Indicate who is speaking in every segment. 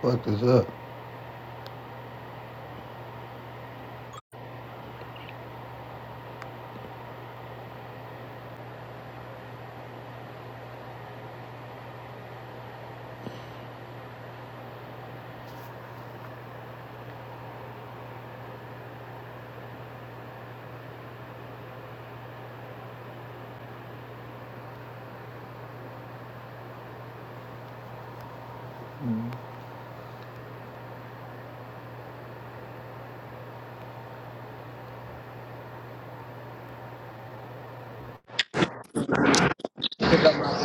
Speaker 1: What is up?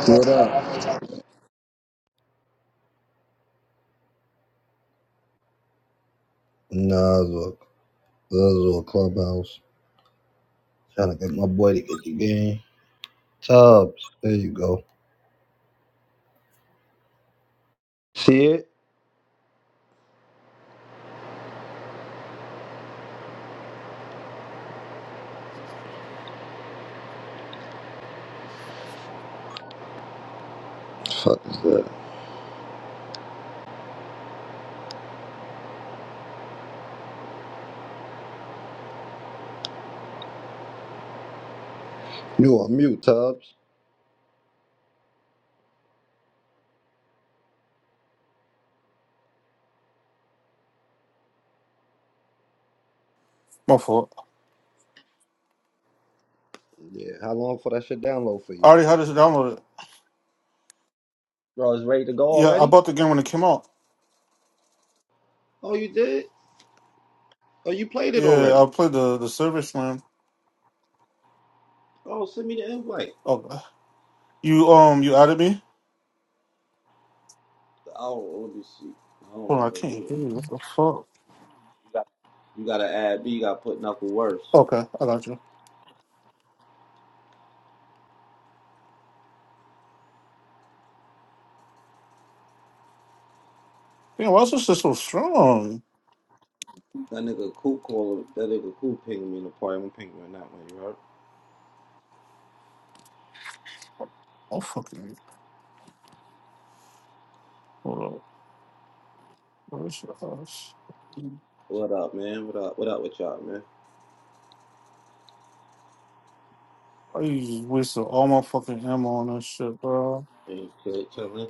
Speaker 1: What up? Nah, this was a, this was a clubhouse. Trying to get my boy to get the game. Tubbs, there you go. See it? Fuck is that? You on mute, Tubbs?
Speaker 2: My fault.
Speaker 1: Yeah. How long for that shit download for
Speaker 2: I
Speaker 1: you?
Speaker 2: already had this downloaded.
Speaker 1: Bro, it's ready to go
Speaker 2: Yeah, I
Speaker 1: already?
Speaker 2: bought the game when it came out.
Speaker 1: Oh, you did? Oh, you played it
Speaker 2: Yeah,
Speaker 1: already?
Speaker 2: I played the the Silver Slam.
Speaker 1: Oh, send me the invite.
Speaker 2: Oh, you um, you added me.
Speaker 1: Oh, let me see. I don't
Speaker 2: Hold
Speaker 1: know
Speaker 2: on, I
Speaker 1: how to
Speaker 2: can't
Speaker 1: do
Speaker 2: hear you.
Speaker 1: that.
Speaker 2: What the fuck?
Speaker 1: You gotta add B, you gotta put knuckle worse.
Speaker 2: Okay, I got you. Damn, why is this shit so strong?
Speaker 1: That nigga cool calling, that nigga cool pinging me in the party. I'm pinging right now, man. You heard?
Speaker 2: Oh fucking. Hold up. Where's your house?
Speaker 1: What up, man? What up? What up with y'all, man?
Speaker 2: I just wasted all my fucking ammo on this shit, bro.
Speaker 1: Ain't shit chilling.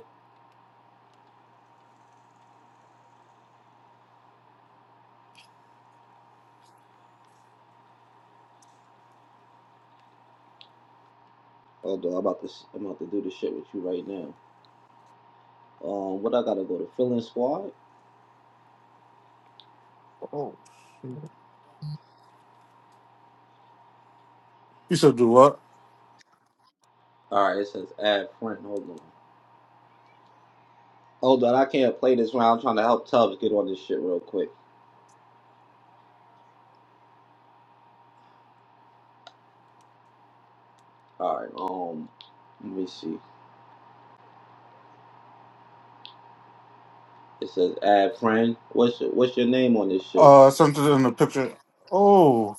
Speaker 1: Although I'm about to, i I'm about to do this shit with you right now. Um, what I gotta go to fill in squad?
Speaker 2: Oh. shit. You said do what?
Speaker 1: All right, it says add friend. Hold on. Hold on, I can't play this round. I'm trying to help Tubbs get on this shit real quick. All right. Um, let me see. It says add friend. What's your, what's your name on this shit?
Speaker 2: Uh, I sent it in the picture. Oh,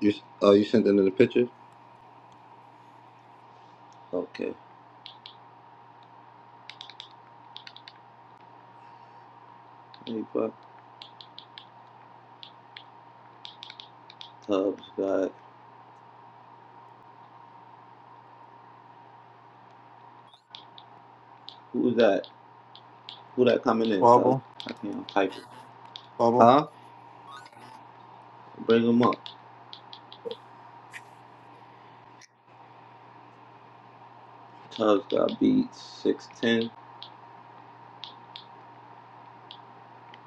Speaker 1: You oh you sent it in the picture? Okay. Hey, fuck. Tubbs got who's that? Who that coming in, Tubbs?
Speaker 2: Bobble,
Speaker 1: I can't type it.
Speaker 2: Bobble.
Speaker 1: Huh? Bring him up. Tubbs dot beat six ten.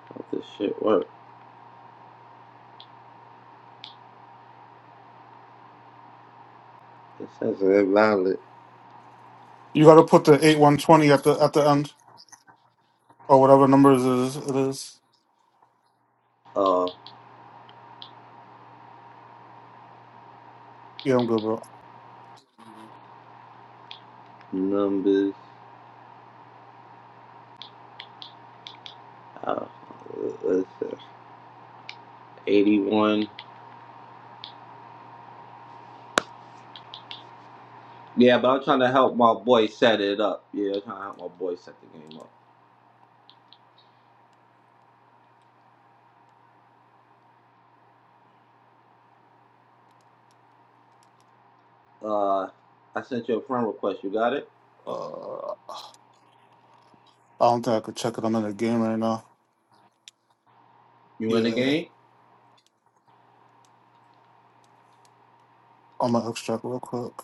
Speaker 1: Hope this shit work. This has a valid
Speaker 2: You got to put the eight one twenty at the at the end or whatever numbers it is. It is.
Speaker 1: uh
Speaker 2: Yeah, I'm good, bro.
Speaker 1: numbers. Uh, let's see, eighty one. Yeah, but I'm trying to help my boy set it up. Yeah, I'm trying to help my boy set the game up. Uh, I sent you a friend request. You got it?
Speaker 2: Uh, I don't think I could check it. I'm in a game right now.
Speaker 1: You in the
Speaker 2: Yeah,
Speaker 1: game?
Speaker 2: I'm gonna extract real quick.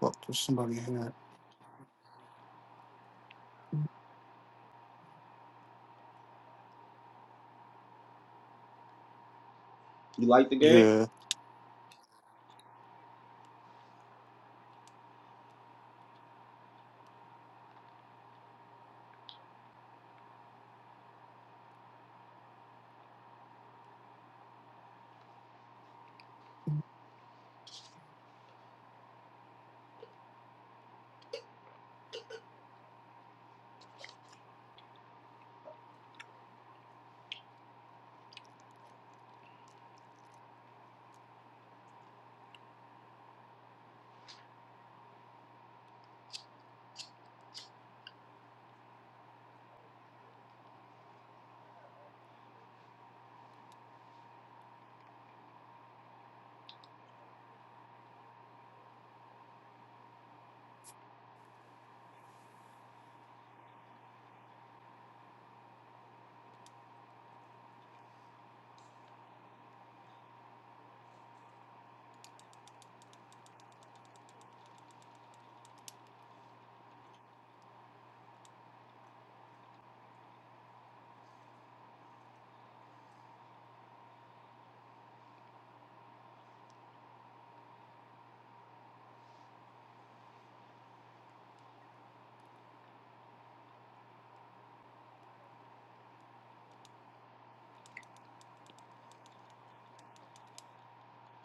Speaker 2: Fuck, there's somebody here.
Speaker 1: You like the game?
Speaker 2: Yeah,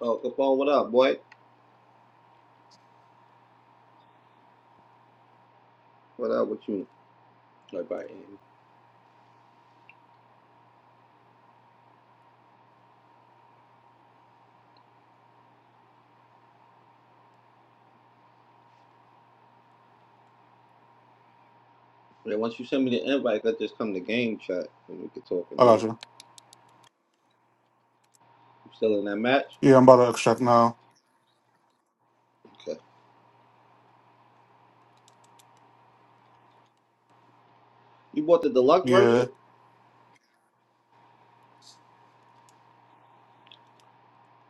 Speaker 1: Oh, Capone, what up, boy? What up with you? Everybody. Yeah, once you send me the invite, I just come to game chat and we can talk in
Speaker 2: I
Speaker 1: there.
Speaker 2: got you.
Speaker 1: You still in that match?
Speaker 2: Yeah, I'm about to extract now.
Speaker 1: Okay. You bought the deluxe version?
Speaker 2: Yeah,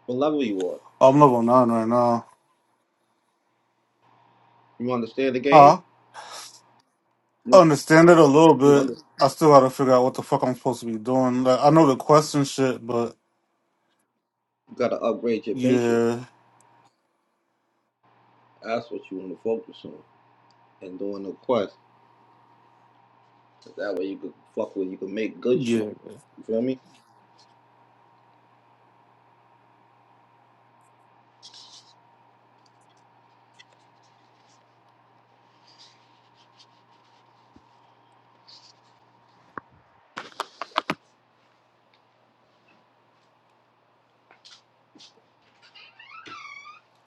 Speaker 1: What level you are?
Speaker 2: I'm level nine right now.
Speaker 1: You understand the game?
Speaker 2: Huh?
Speaker 1: You
Speaker 2: I
Speaker 1: want-
Speaker 2: understand it a little
Speaker 1: you
Speaker 2: bit.
Speaker 1: under, you
Speaker 2: I still gotta figure out what the fuck I'm supposed to be doing. Like, I know the quest and shit, but
Speaker 1: gotta upgrade your benches.
Speaker 2: yeah,
Speaker 1: That's what you want to focus on and doing the quest. 'Cause that way you can fuck with. You can make good shit.
Speaker 2: yeah.
Speaker 1: You feel me?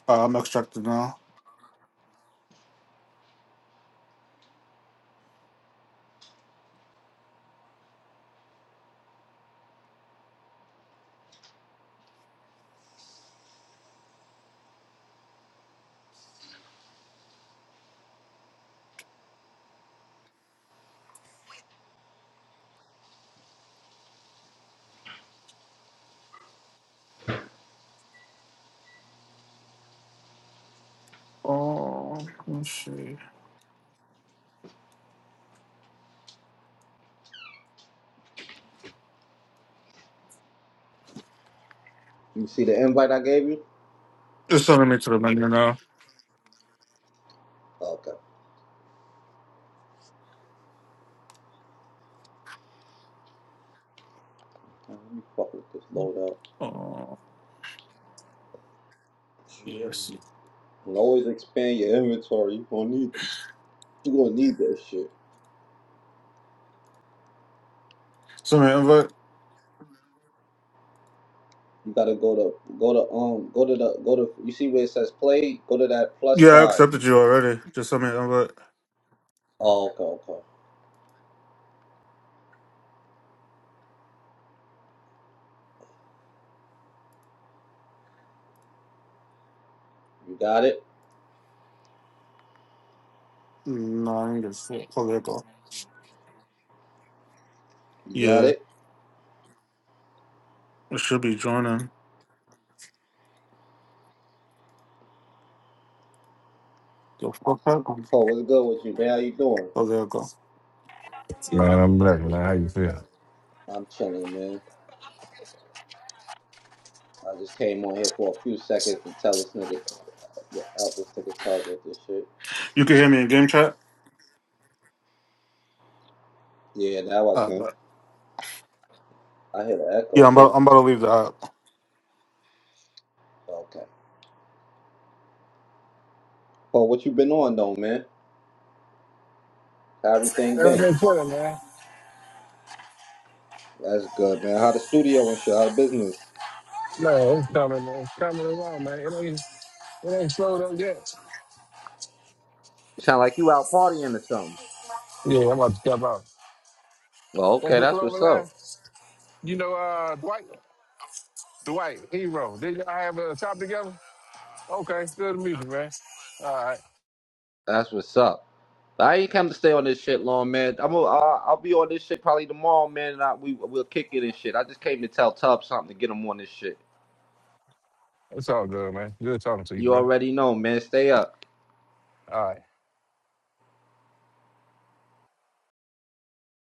Speaker 2: Uh, I'm extracted now. Oh, let's see.
Speaker 1: You see the invite I gave you?
Speaker 2: It's sending me to the menu now.
Speaker 1: Okay. Now, Let me fuck with this load up.
Speaker 2: Oh, yeah.
Speaker 1: And always expand your inventory. You gonna need. You gonna need that shit.
Speaker 2: Send me an invite.
Speaker 1: You gotta go to go to um go to the go to. You see where it says play? Go to that plus
Speaker 2: Yeah, I
Speaker 1: sign.
Speaker 2: accepted you already. Just send me an invite.
Speaker 1: Oh, okay, okay. You got it.
Speaker 2: nine to six for their go?
Speaker 1: You got
Speaker 2: Yeah,
Speaker 1: it.
Speaker 2: it should be Jordan. Yo, four, five, um,
Speaker 1: Oh, what's good with you, man? How you doing?
Speaker 2: four there Go fuck up for their goal.
Speaker 3: Man, I'm black, man. How you feel?
Speaker 1: I'm chilling, man. I just came on here for a few seconds to tell this nigga, to out this nigga tells with this shit.
Speaker 2: You can hear me in game chat.
Speaker 1: Yeah, now I
Speaker 2: Uh,
Speaker 1: can.
Speaker 2: but
Speaker 1: I hear the echo
Speaker 2: yeah, I'm about
Speaker 1: too.
Speaker 2: I'm about to leave the app.
Speaker 1: Okay. Oh, what you been on though, man? How everything been?
Speaker 3: Twitter, man.
Speaker 1: That's good, man. How the studio and shit? How the business?
Speaker 3: Man, it's coming, man. It's coming along, man. It ain't, it ain't slowed up yet.
Speaker 1: sound like you out partying or something.
Speaker 3: Yeah, I'm about to step out.
Speaker 1: Well,
Speaker 3: That's
Speaker 1: okay,
Speaker 3: the
Speaker 1: that's
Speaker 3: Clover
Speaker 1: what's
Speaker 3: line.
Speaker 1: up.
Speaker 3: You know, uh, Dwight, Dwight, Hero. Did y'all have a shop together? Okay, good to meet you, man. All right.
Speaker 1: That's what's up. I ain't come to stay on this shit long, man. I'm gonna, I'll, I'll be on this shit probably tomorrow, man. And I, we we'll kick it and shit. I just came to tell Tub something to get him on this shit.
Speaker 3: It's all good, man. Good talking to you,
Speaker 1: You
Speaker 3: bro.
Speaker 1: already know, man. Stay up.
Speaker 3: All right.